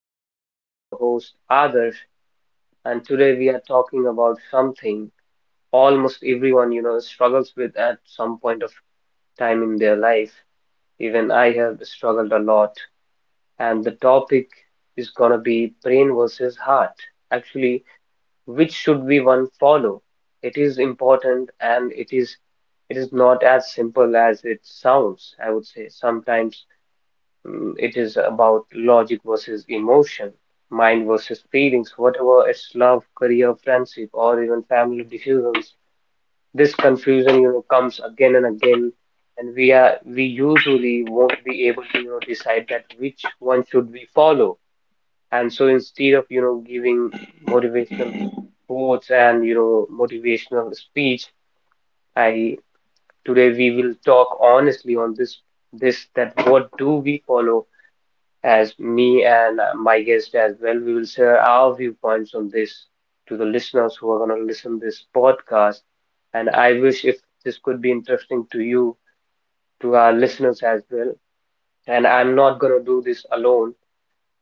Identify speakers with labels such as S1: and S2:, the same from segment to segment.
S1: podcast. I'm your host, Adarsh, and today we are talking about something almost everyone, struggles with at some point of time in their life. Even I have struggled a lot. And the topic is going to be brain versus heart. Actually, which should we one follow? It is important and it is not as simple as it sounds, I would say. Sometimes it is about logic versus emotion, mind versus feelings, whatever it's love, career, friendship, or even family decisions. This confusion, comes again and again, and we usually won't be able to, decide that which one should we follow. And so instead of, giving motivational quotes and motivational speech I today we will talk honestly on this that what do we follow as me and my guest as well. We will share our viewpoints on this to the listeners who are going to listen this podcast. And I wish if this could be interesting to you, to our listeners as well. And I'm not going to do this alone.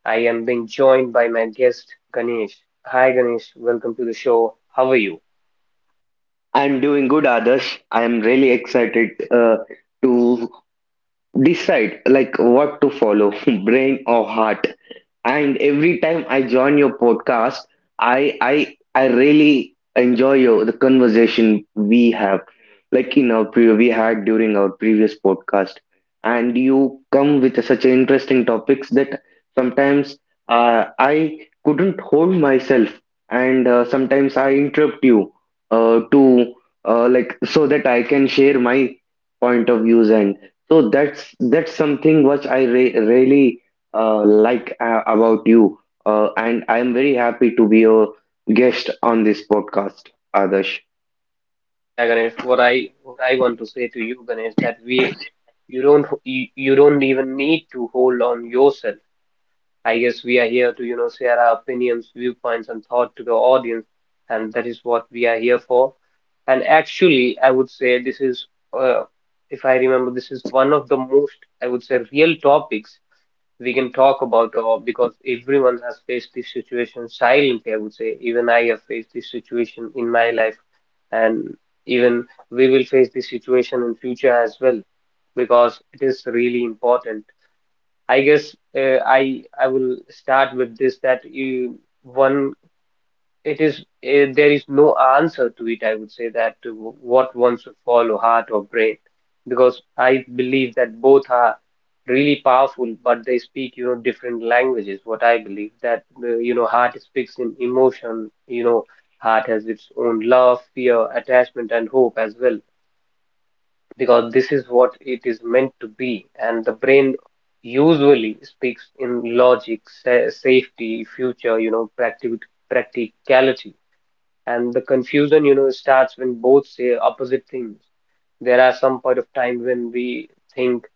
S1: I am being joined by my guest Ganesh. Hi Ganesh, welcome to the show. How are you?
S2: I'm doing good, Adarsh. I'm really excited to decide like what to follow, brain or heart. And every time I join your podcast, I really enjoy your the conversation we have, like in our pre we had during our previous podcast. And you come with such interesting topics that sometimes I couldn't hold myself, and sometimes I interrupt you to like so that I can share my point of views, and so that's something which I re really like about you. And I am very happy to be a guest on this podcast, Adarsh.
S1: Yeah, Ganesh, what I want to say to you, Ganesh, that we you don't you, you don't even need to hold on yourself I guess we are here to, you know, share our opinions, viewpoints, and thought to the audience, and that is what we are here for. And actually, I would say this is, uh, if I remember, this is one of the most, I would say, real topics we can talk about, because everyone has faced this situation silently, I would say. Even I have faced this situation in my life, and even we will face this situation in future as well, because it is really important. I guess I will start with this that you one it is there is no answer to it. I would say that to what one should follow, heart or brain, because I believe that both are really powerful, but they speak different languages. What I believe that you know heart speaks in emotion. You know heart has its own love, fear, attachment, and hope as well because this is what it is meant to be, and the brain usually speaks in logic, safety, future, you know, practicality. And the confusion, you know, starts when both say opposite things. There are some point of time when we think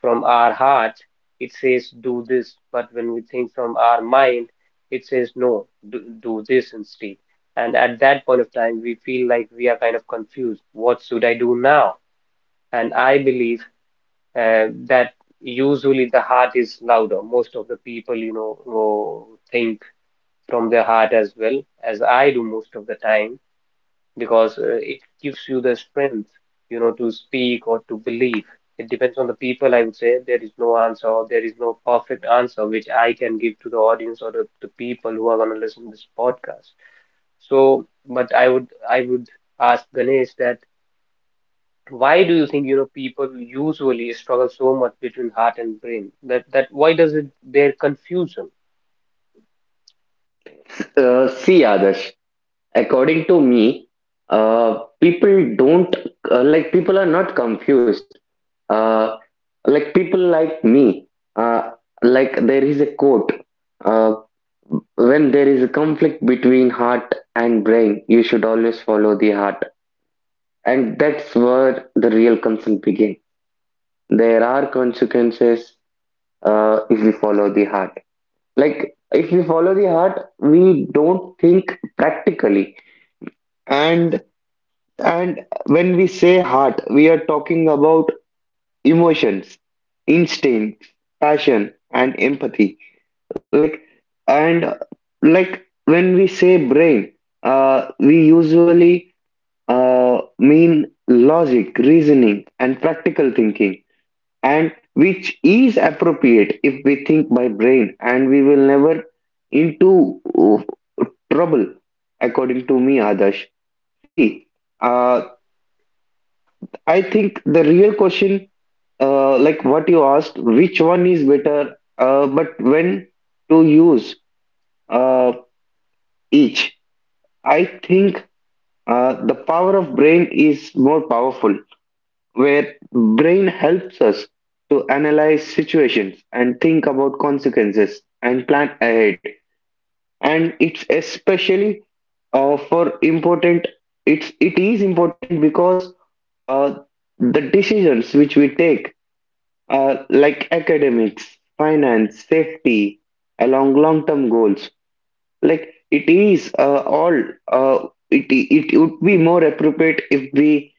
S1: from our heart, it says do this, but when we think from our mind, it says no, do this instead. And at that point of time we feel like we are kind of confused, what should I do now? And I believe that usually the heart is louder. Most of the people, you know, who think from their heart, as well as I do most of the time, because it gives you the strength, you know, to speak or to believe. It depends on the people, I would say. There is no answer or there is no perfect answer which I can give to the audience or the people who are going to listen to this podcast. So, but I would ask Ganesh that why do you think, you know, people usually struggle so much between heart and brain? That why does it their confusion?
S2: See, Adarsh, according to me, people don't like people are not confused. Uh, like people like me, uh, like there is a quote, uh, when there is a conflict between heart and brain, you should always follow the heart. And that's where the real concern begins. There are consequences if we follow the heart. Like, if we follow the heart, we don't think practically. And and when we say heart, we are talking about emotions, instincts, passion, and empathy. Like and uh, like when we say brain, we usually mean logic, reasoning, and practical thinking, and which is appropriate if we think by brain, and we will never into trouble, according to me, Adarsh. See, uh, I think the real question, like what you asked, which one is better, but when to use uh, each. I think the power of brain is more powerful, where brain helps us to analyze situations and think about consequences and plan ahead, and it's especially for important, it is important because uh, the decisions which we take, like academics, finance, safety, along long term goals, like it is all, uh, it would be more appropriate if we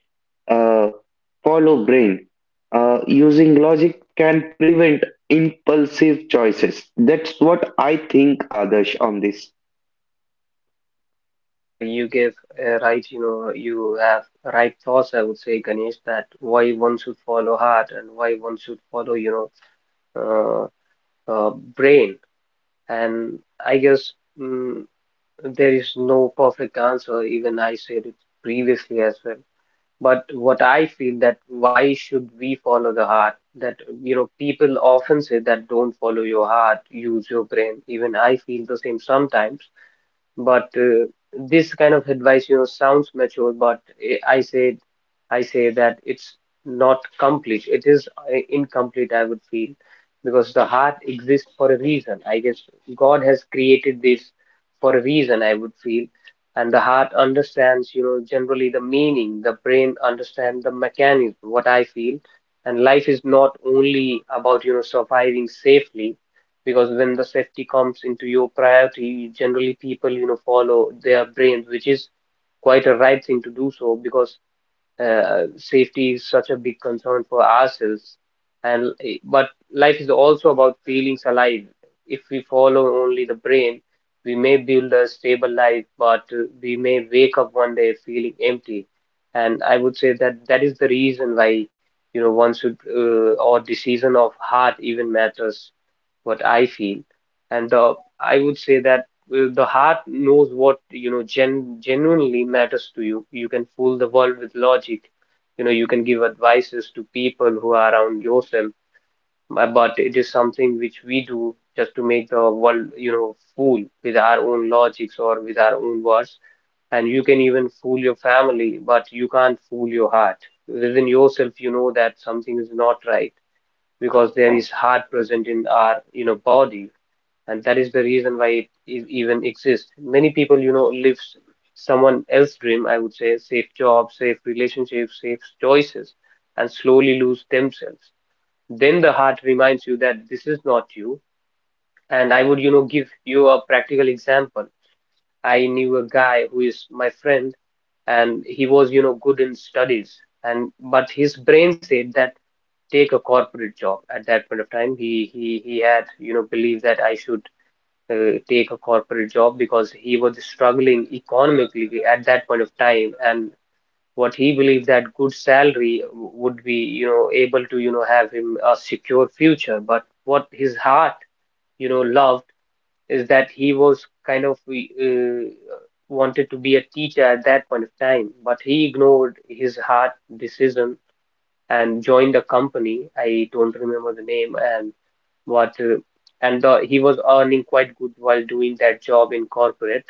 S2: uh, follow brain. Using logic can prevent impulsive choices. That's what I think, Adarsh, on this.
S1: Yeah, you gave right, you know, you have right thoughts, I would say, Ganesh, that why one should follow heart and why one should follow, you know, brain. And I guess mm, there is no perfect answer. Even I said it previously as well. But what I feel that why should we follow the heart? That you know, people often say that don't follow your heart, use your brain. Even I feel the same sometimes. But this kind of advice, you know, sounds mature, but I say that it's not complete. It is incomplete, I would feel, because the heart exists for a reason. I guess God has created this for a reason, I would feel. And the heart understands, you know, generally the meaning. The brain understands the mechanism, what I feel. And life is not only about, you know, surviving safely, because when the safety comes into your priority, generally people, you know, follow their brains, which is quite a right thing to do so, because safety is such a big concern for ourselves, and but life is also about feelings alive. If we follow only the brain, we may build a stable life, but we may wake up one day feeling empty. And I would say that that is the reason why, you know, one should or decision of heart even matters, what I feel. And I would say that the heart knows what, you know, genuinely matters to you. You can fool the world with logic. You know, you can give advices to people who are around yourself, but it is something which we do just to make the world, you know, fool with our own logics or with our own words. And you can even fool your family, but you can't fool your heart. Within yourself, you know that something is not right, because there is heart present in our, you know, body, and that is the reason why it is even exists. Many people, you know, live someone else's dream, I would say, safe jobs, safe relationships, safe choices, and slowly lose themselves. Then the heart reminds you that this is not you. And I would, you know, give you a practical example. I knew a guy who is my friend, and he was, you know, good in studies, and but his brain said that take a corporate job at that point of time. He had, you know, believed that I should take a corporate job because he was struggling economically at that point of time, and what he believed that good salary would be, you know, able to, you know, have him a secure future. But what his heart, you know, loved is that he was kind of wanted to be a teacher at that point of time, but he ignored his heart decision and joined a company, I don't remember the name. And what and he was earning quite good while doing that job in corporate.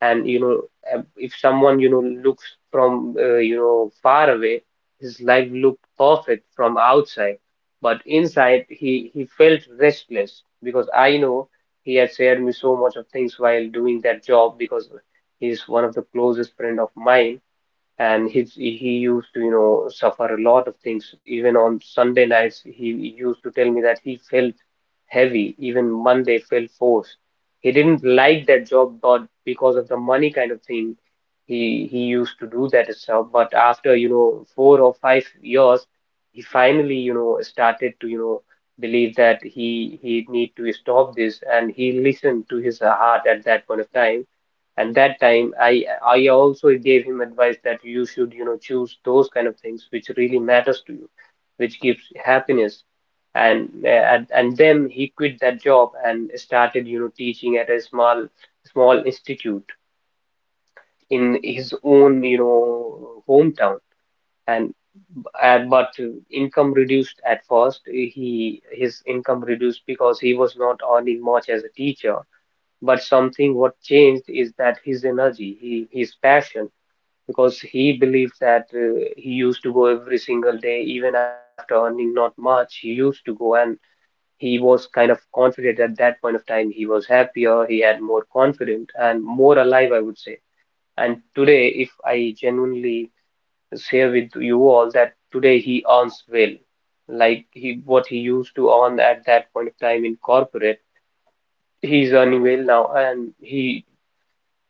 S1: And you know, if someone, you know, looks from you know, far away, his life looked perfect from outside, but inside he felt restless, because I know he had shared me so much of things while doing that job, because he's one of the closest friend of mine. And he used to, you know, suffer a lot of things. Even on Sunday nights, he used to tell me that he felt heavy. Even Monday felt forced. He didn't like that job, but because of the money kind of thing, he used to do that itself. But after, you know, 4 or 5 years, he finally, you know, started to, you know, believe that he need to stop this, and he listened to his heart at that point of time. And that time I also gave him advice that you should, you know, choose those kind of things which really matters to you, which gives happiness. And and then he quit that job and started, you know, teaching at a small institute in his own, you know, hometown. And but income reduced at first, he his income reduced because he was not earning much as a teacher. But something what changed is that his energy, his passion, because he believes that he used to go every single day, even after earning not much, he used to go. And he was kind of confident at that point of time. He was happier, he had more confident and more alive, I would say. And today, if I genuinely share with you all that today he earns well, like he what he used to earn at that point of time in corporate, he's earning well now, and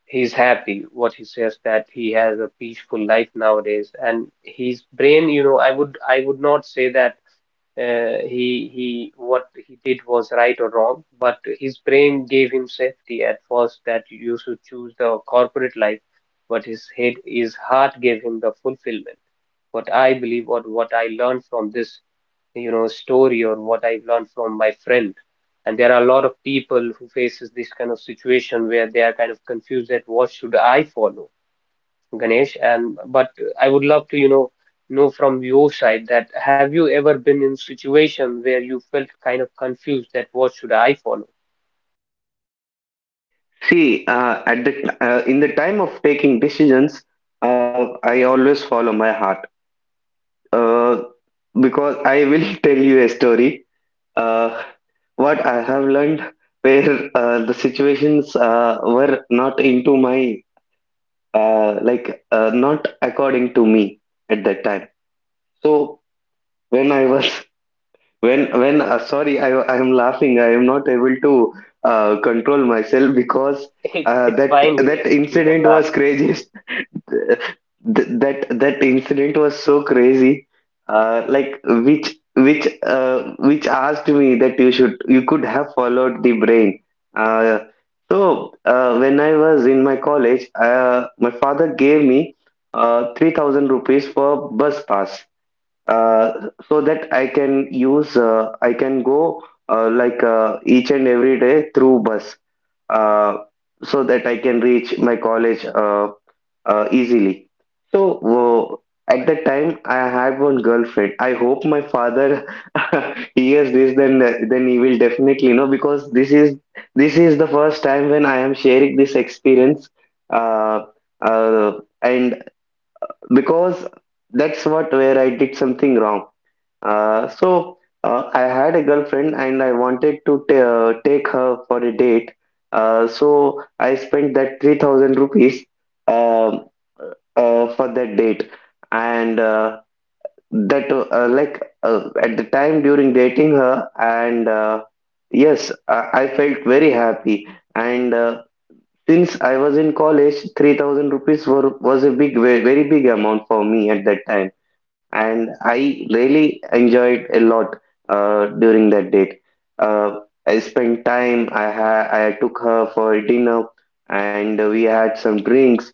S1: he's happy. What he says that he has a peaceful life nowadays, and his brain, you know, I would not say that he what he did was right or wrong, but his brain gave him safety at first that you should choose the corporate life, but his heart gave him the fulfillment. What I believe or what I learned from this, you know, story or what I've learned from my friend. And there are a lot of people who faces this kind of situation where they are kind of confused that what should I follow? Ganesh, and but I would love to, know from your side that have you ever been in situation where you felt kind of confused that what should I follow?
S2: See, at the, in the time of taking decisions, I always follow my heart. Uh, because I will tell you a story. uh, what I have learned where the situations were not into my, like not according to me at that time. So when I was when sorry, I am laughing, I am not able to control myself
S1: It's
S2: because
S1: it,
S2: uh,
S1: it's
S2: that
S1: fine,
S2: that
S1: Ganesh. You can
S2: incident
S1: laugh
S2: was
S1: too.
S2: crazy that that incident was so crazy. Uh, like which which which asked me that you should, you could have followed the brain. Uh, so when I was in my college, my father gave me 3,000 rupees for bus pass, uh, so that I can go like each and every day through bus, uh, so that I can reach my college easily. So at that time, I had one girlfriend. I hope my father hears this, then he will definitely know because this is the first time when I am sharing this experience, uh, uh, and because that's what where I did something wrong. So I had a girlfriend, and I wanted to take her for a date. So I spent that 3,000 rupees um for that date. And at the time during dating her, and yes, I felt very happy. And since I was in college, 3,000 rupees was a big, very big amount for me at that time. And I really enjoyed a lot during that date. Uh, I spent time, I took her for dinner, and we had some drinks.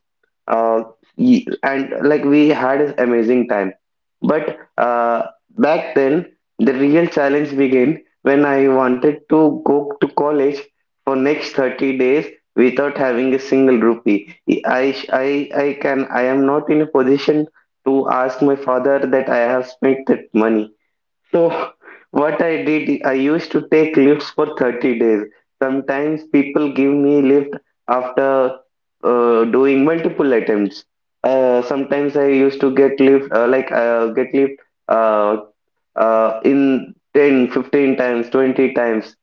S2: Uh, y- and like we had an amazing time. But back then, the real challenge began when I wanted to go to college for next 30 days without having a single rupee. I am not in a position to ask my father that I have spent that money. So, what I did, I used to take lifts for 30 days. Sometimes people give me lift after doing multiple attempts. Sometimes I used to get lift, uh, in 10, 15 times, 20 times.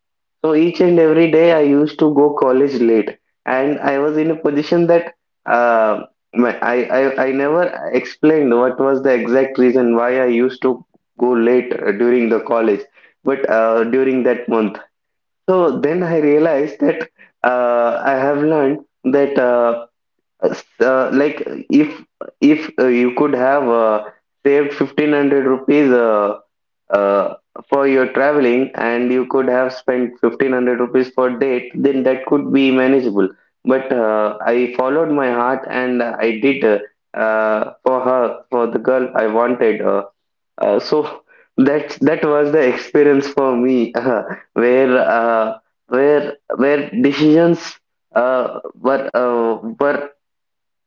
S2: So each and every day I used to go college late, and I was in a position that uh, my, I never explained what was the exact reason why I used to go late during the college, but during that month. So then I realized that I have learned that s- uh, like if you could have saved 1,500 rupees uh, for your traveling, and you could have spent 1,500 rupees for date, then that could be manageable. But I followed my heart, and I did for her, for the girl I wanted. So that was the experience for me where where decisions were, uh, were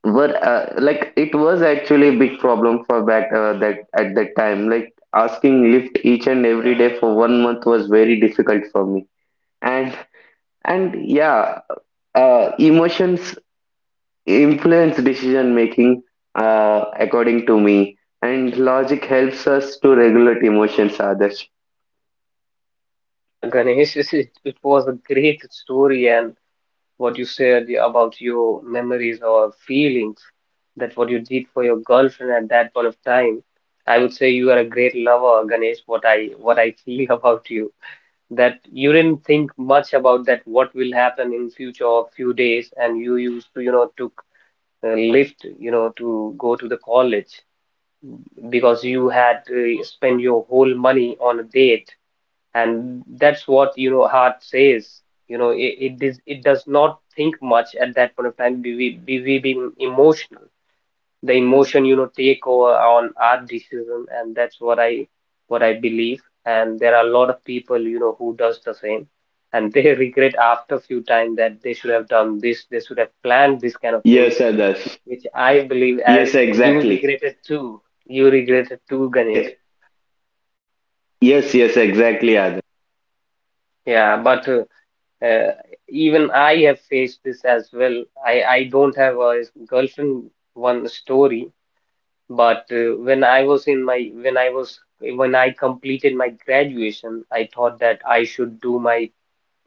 S2: were uh, like it was actually a big problem for back that at that time, like asking Lyft each and every day for one month was very difficult for me. And and yeah uh, emotions influence decision making according to me, and logic helps us to regulate emotions others.
S1: Yeah, Ganesh, it was a great story, and what you said about your memories or feelings, that what you did for your girlfriend at that point of time. I would say you are a great lover, Ganesh, what I feel about you. That you didn't think much about that what will happen in future or few days, and you used to, took lift, to go to the college because you had to spend your whole money on a date, and that's what, heart says. It, it is it does not think much at that point of time, be we being emotional, the emotion, take over on our decision, and that's what I believe. And there are a lot of people, who does the same, and they regret after a few time that they should have done this, they should have planned this kind of things,
S2: Yes, Adarsh.
S1: which I believe, as
S2: Yes,
S1: you
S2: exactly.
S1: regretted too. You regretted too, Ganesh.
S2: Ye- Yes, yes, exactly, Adarsh.
S1: Yeah, but uh, even I have faced this as well. I don't have a girlfriend, one story. But when I was in my, when I completed my graduation, I thought that I should do my,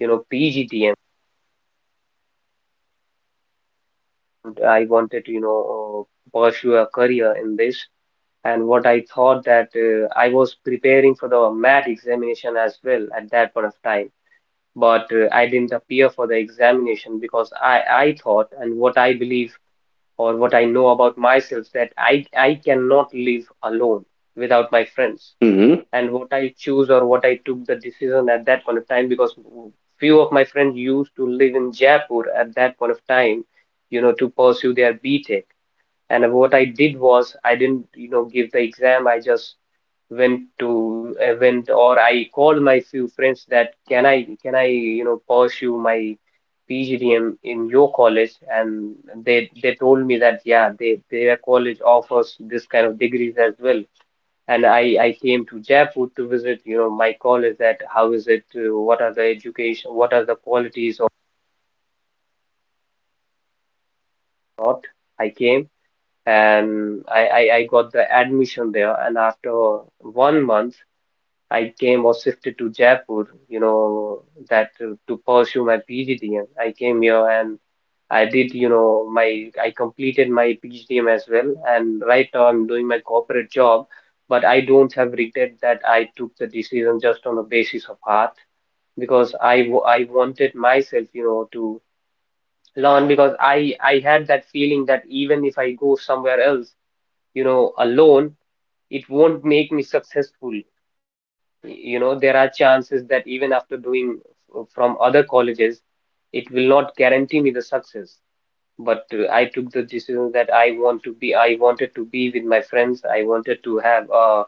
S1: PGDM. I wanted to, pursue a career in this. And what I thought, that I was preparing for the math examination as well at that point of time. But I didn't appear for the examination because I thought, and what I believe or what I know about myself, that I cannot live alone without my friends.
S2: Hmm.
S1: And what I choose, or what I took the decision at that point of time, because few of my friends used to live in Jaipur at that point of time, you know, to pursue their BTech. And what I did was, I didn't, you know, give the exam. I just went to, went, or I called my few friends that can I, you know, pursue my PGDM in your college, and they told me that yeah, they their college offers this kind of degrees as well. And I came to Jaipur to visit, you know, my college, that how is it, what are the education, what are the qualities of not. I came, and I got the admission there, and after 1 month I came or shifted to Jaipur, you know, that to pursue my PGDM. I came here and I did, you know, my I completed my PGDM as well, and right now I'm doing my corporate job. But I don't have regret that I took the decision just on the basis of heart. Because I wanted myself, you know, to learn, because I had that feeling that even if I go somewhere else, you know, alone, it won't make me successful. You know, there are chances that even after doing from other colleges, it will not guarantee me the success. But I took the decision that I wanted to be with my friends. I wanted to have, uh,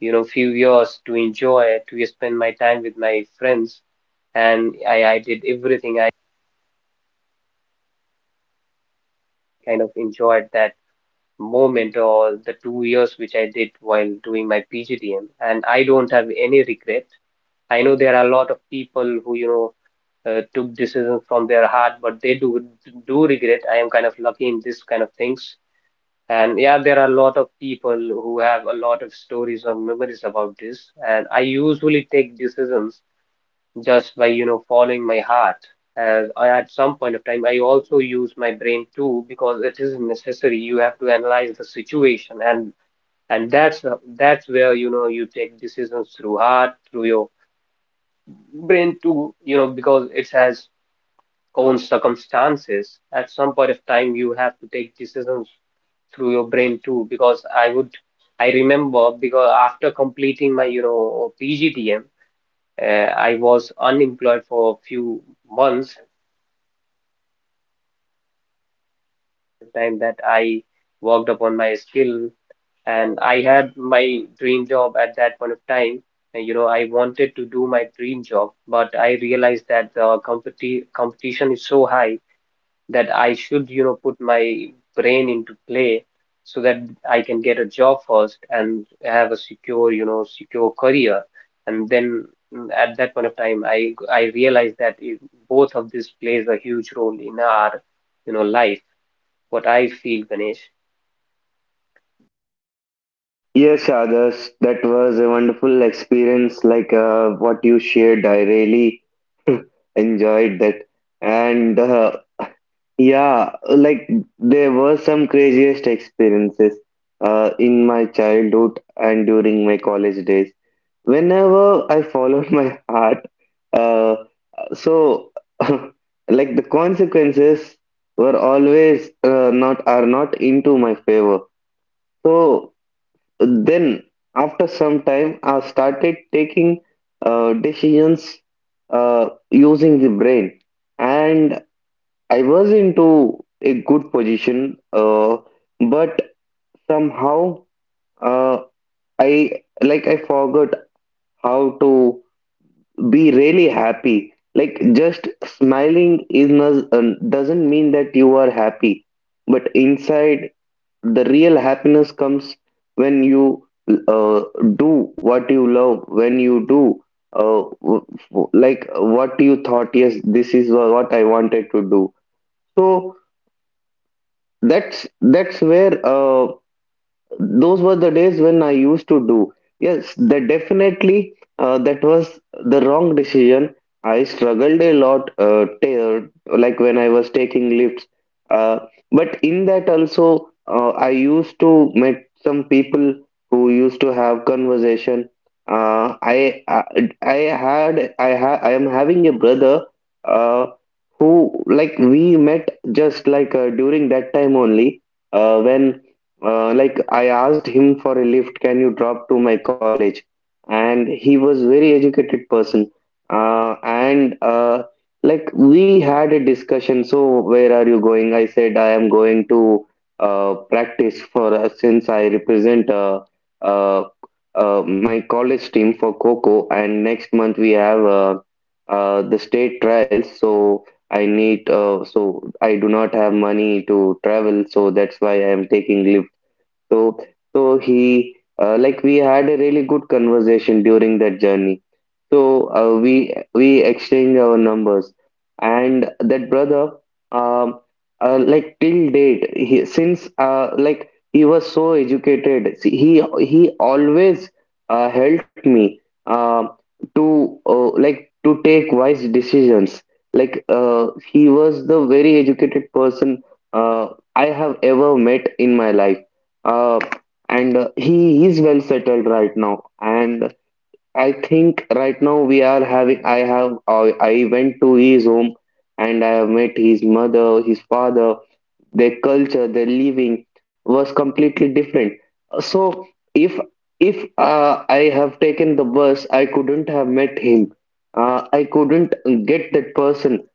S1: you know, few years to enjoy, to spend my time with my friends. And I did everything. I kind of enjoyed that moment, or the 2 years which I did while doing my PGDM. And I don't have any regret. I know there are a lot of people who, took decisions from their heart, but they do regret. I am kind of lucky in this kind of things. And yeah, there are a lot of people who have a lot of stories or memories about this. And I usually take decisions just by, you know, following my heart. As I, at some point of time, I also use my brain too, because it is necessary, you have to analyze the situation. And that's that's where, you know, you take decisions through heart, through your brain too, you know, because it has own circumstances. At some point of time, you have to take decisions through your brain too, because I would, I remember, because after completing my, you know, PGDM, I was unemployed for a few months time, that I worked upon my skill, and I had my dream job at that point of time. And, you know, I wanted to do my dream job, but I realized that the competition is so high that I should, you know, put my brain into play, so that I can get a job first and have a secure, you know, secure career. And then at that point of time, I realized that it, both of this plays a huge role in our, you know, life, what I feel, Ganesh.
S2: Yes, Adarsh, that was a wonderful experience. Like what you shared, I really enjoyed that. And yeah, like there were some craziest experiences in my childhood and during my college days. Whenever I followed my heart, uh, so, the consequences were always not, are not into my favor. So then, after some time, I started taking decisions using the brain, and I was into a good position. But somehow, uh, I forgot how to be really happy. Like just smiling is not, doesn't mean that you are happy, but inside, the real happiness comes when you uh, do what you love, when you do like what you thought. Yes, this is what I wanted to do. So that's where those were the days when I used to do. Yes, that definitely that was the wrong decision. I struggled a lot, tear, like when I was taking lifts. Uh, but in that also, I used to meet some people who used to have conversation. Uh, I, I I had I ha I am having a brother uh, who, like we met just like during that time only when like I asked him for a lift, can you drop to my college? And he was very educated person. And we had a discussion. So where are you going? I said I am going to practice for, since I represent, uh, my college team for Coco, and next month we have the state trials. So I need so I do not have money to travel. So that's why I am taking leave. So so he uh, like we had a really good conversation during that journey. So we exchange our numbers, and that brother, um, like till date, he, since like he was so educated, see, he always helped me um to like to take wise decisions. Like he was the very educated person uh, I have ever met in my life, uh, and he is well settled right now, and I think right now we are having. I have. I went to his home, and I have met his mother, his father, their culture, their living was completely different. So if I have taken the bus, I couldn't have met him. I couldn't get that person.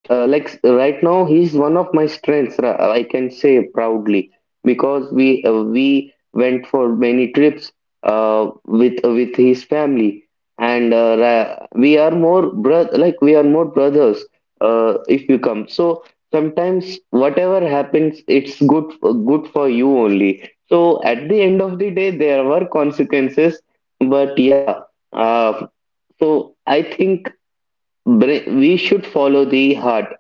S2: Like right now, he's one of my strengths. I can say proudly, because we went for many trips with his family, and we are more brothers if you come. So sometimes, whatever happens, it's good, good for you only. So at the end of the day, there were consequences, but yeah, uh, so I think we should follow the heart,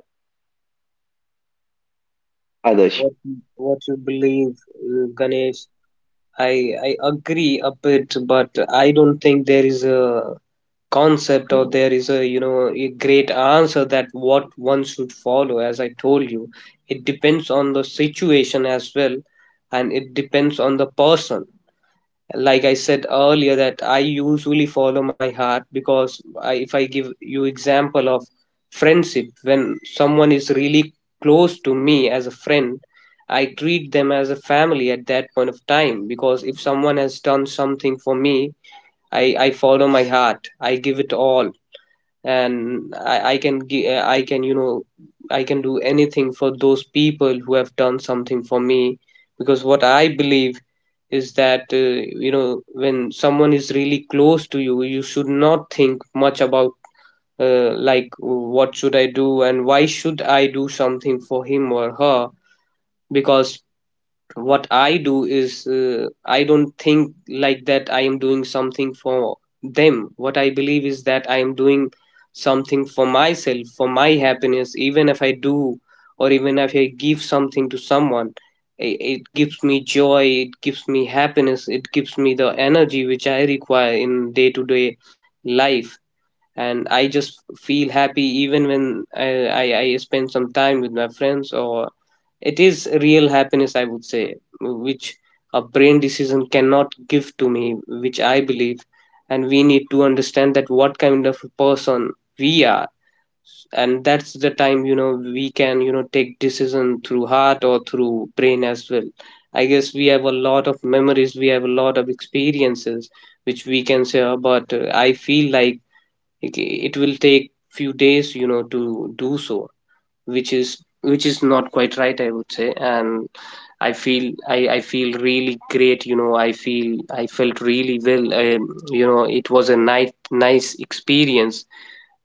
S1: Yeah,
S2: others.
S1: what you believe, Ganesh, I I agree a bit, but I don't think there is a concept, or there is a, you know, a great answer that what one should follow. As I told you, it depends on the situation as well, and it depends on the person. Like I said earlier, that I usually follow my heart, because I, if I give you example of friendship, when someone is really close to me as a friend, I treat them as a family at that point of time, because if someone has done something for me, I follow my heart, I give it all. And I can I can, you know, I can do anything for those people who have done something for me. Because what I believe is that, you know, when someone is really close to you, you should not think much about, like what should I do, and why should I do something for him or her. Because what I do is, I don't think like that I am doing something for them. What I believe is that I am doing something for myself, for my happiness, even if I do, or even if I give something to someone. It gives me joy, it gives me happiness, it gives me the energy which I require in day to day life. And I just feel happy even when I spend some time with my friends. Or it is real happiness, I would say, which a brain decision cannot give to me, which I believe. And we need to understand that what kind of a person we are, and that's the time, you know, we can, you know, take decision through heart or through brain as well. I guess we have a lot of memories, we have a lot of experiences which we can share, but I feel like it it will take few days, you know, to do so, which is, not quite right, I would say. And I feel really great, you know, I feel I felt really well, you know, it was a nice experience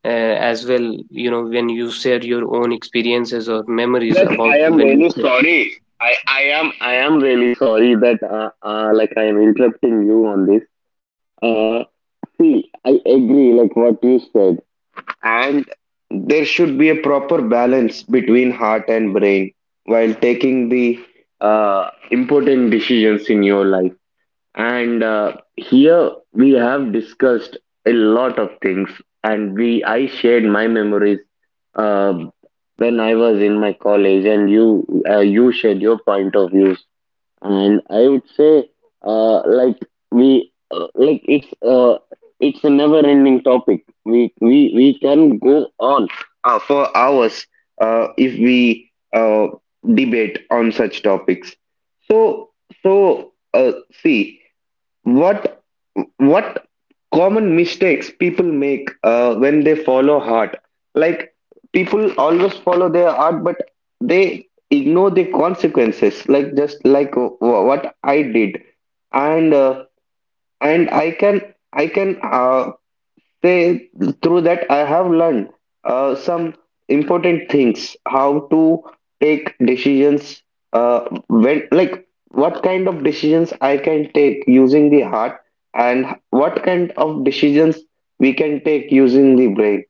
S1: uh, as well, you know, when you shared your own experiences or memories
S2: Adarsh,
S1: about
S2: I am
S1: when you
S2: really
S1: said.
S2: sorry. I am really sorry that like I am interrupting you on this. Uh, see, I agree like what you said. And there should be a proper balance between heart and brain while taking the important decisions in your life. And here we have discussed a lot of things, and we I shared my memories uh, when I was in my college, and you, you shared your point of views. And I would say, like we, like it's a never-ending topic. We can go on for hours if we debate on such topics. So so see. What what common mistakes people make when they follow art? Like people always follow their art, but they ignore the consequences. Like just like what I did, and and I can I can uh, they, through that, I have learned some important things, how to take decisions, uh, when, like what kind of decisions I can take using the heart, and what kind of decisions we can take using the brain.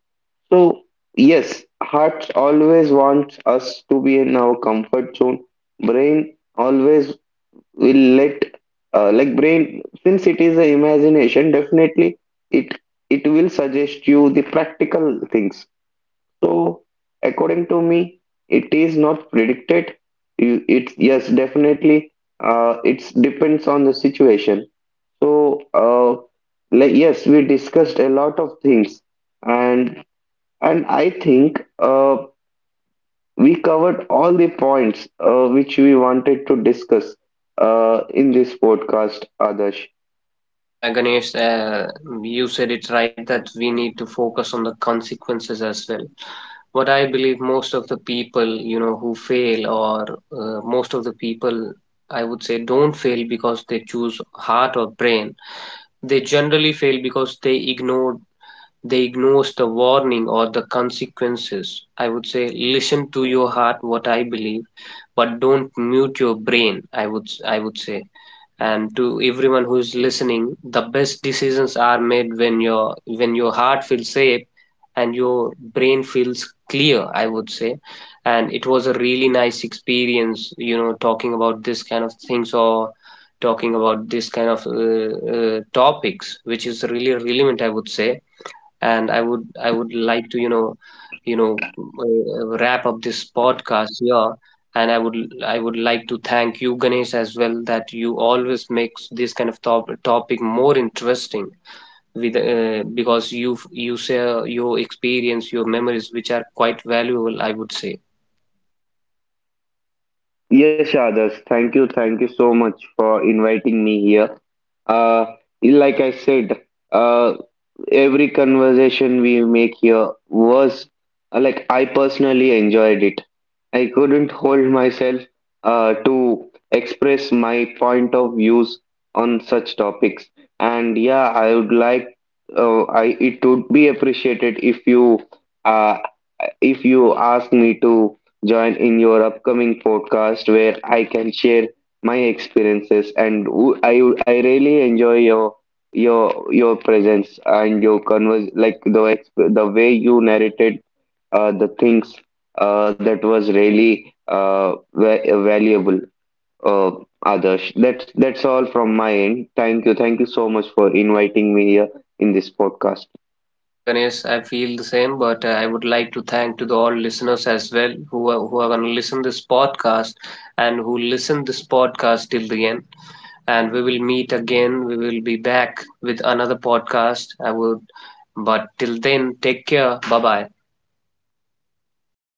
S2: So, yes, heart always wants us to be in our comfort zone. Brain always will let, like brain, since it is a imagination, definitely it it will suggest you the practical things. So, according to me, it is not predicted. You- it, yes, definitely it depends on the situation. So uh, like, yes, we discussed a lot of things, and and I think we covered all the points which we wanted to discuss in this podcast, Adarsh.
S1: Yeah, Ganesh, you said it right, that we need to focus on the consequences as well. What I believe, most of the people, you know, who fail, or most of the people, I would say, don't fail because they choose heart or brain. They generally fail because they ignores the warning or the consequences. I would say, listen to your heart, what I believe, but don't mute your brain, I would say. And to everyone who is listening, the best decisions are made when your heart feels safe and your brain feels clear, I would say. And it was a really nice experience, you know, talking about this kind of things, or talking about this kind of topics, which is really relevant, I would say. And I would like to, you know, wrap up this podcast here. And I would like to thank you, Ganesh, as well, that you always makes this kind of topic more interesting, with because you share your experience, your memories, which are quite valuable, I would say.
S2: Yes, Adarsh, thank you so much for inviting me here. Uh, like I said, uh, every conversation we make here was like I personally enjoyed it. I couldn't hold myself to express my point of views on such topics. And yeah, I would like, I it would be appreciated if you, uh, if you ask me to join in your upcoming podcast where I can share my experiences, and I really enjoy your presence and your convers like the the way you narrated the things that was really valuable, uh, Adarsh. That's all from my end. Thank you so much for inviting me here in this podcast.
S1: Yeah, Ganesh, I feel the same, but I would like to thank to the all listeners as well, who are going to listen this podcast, and who listen this podcast till the end. And we will meet again. We will be back with another podcast, I would, but till then, take care. Bye bye.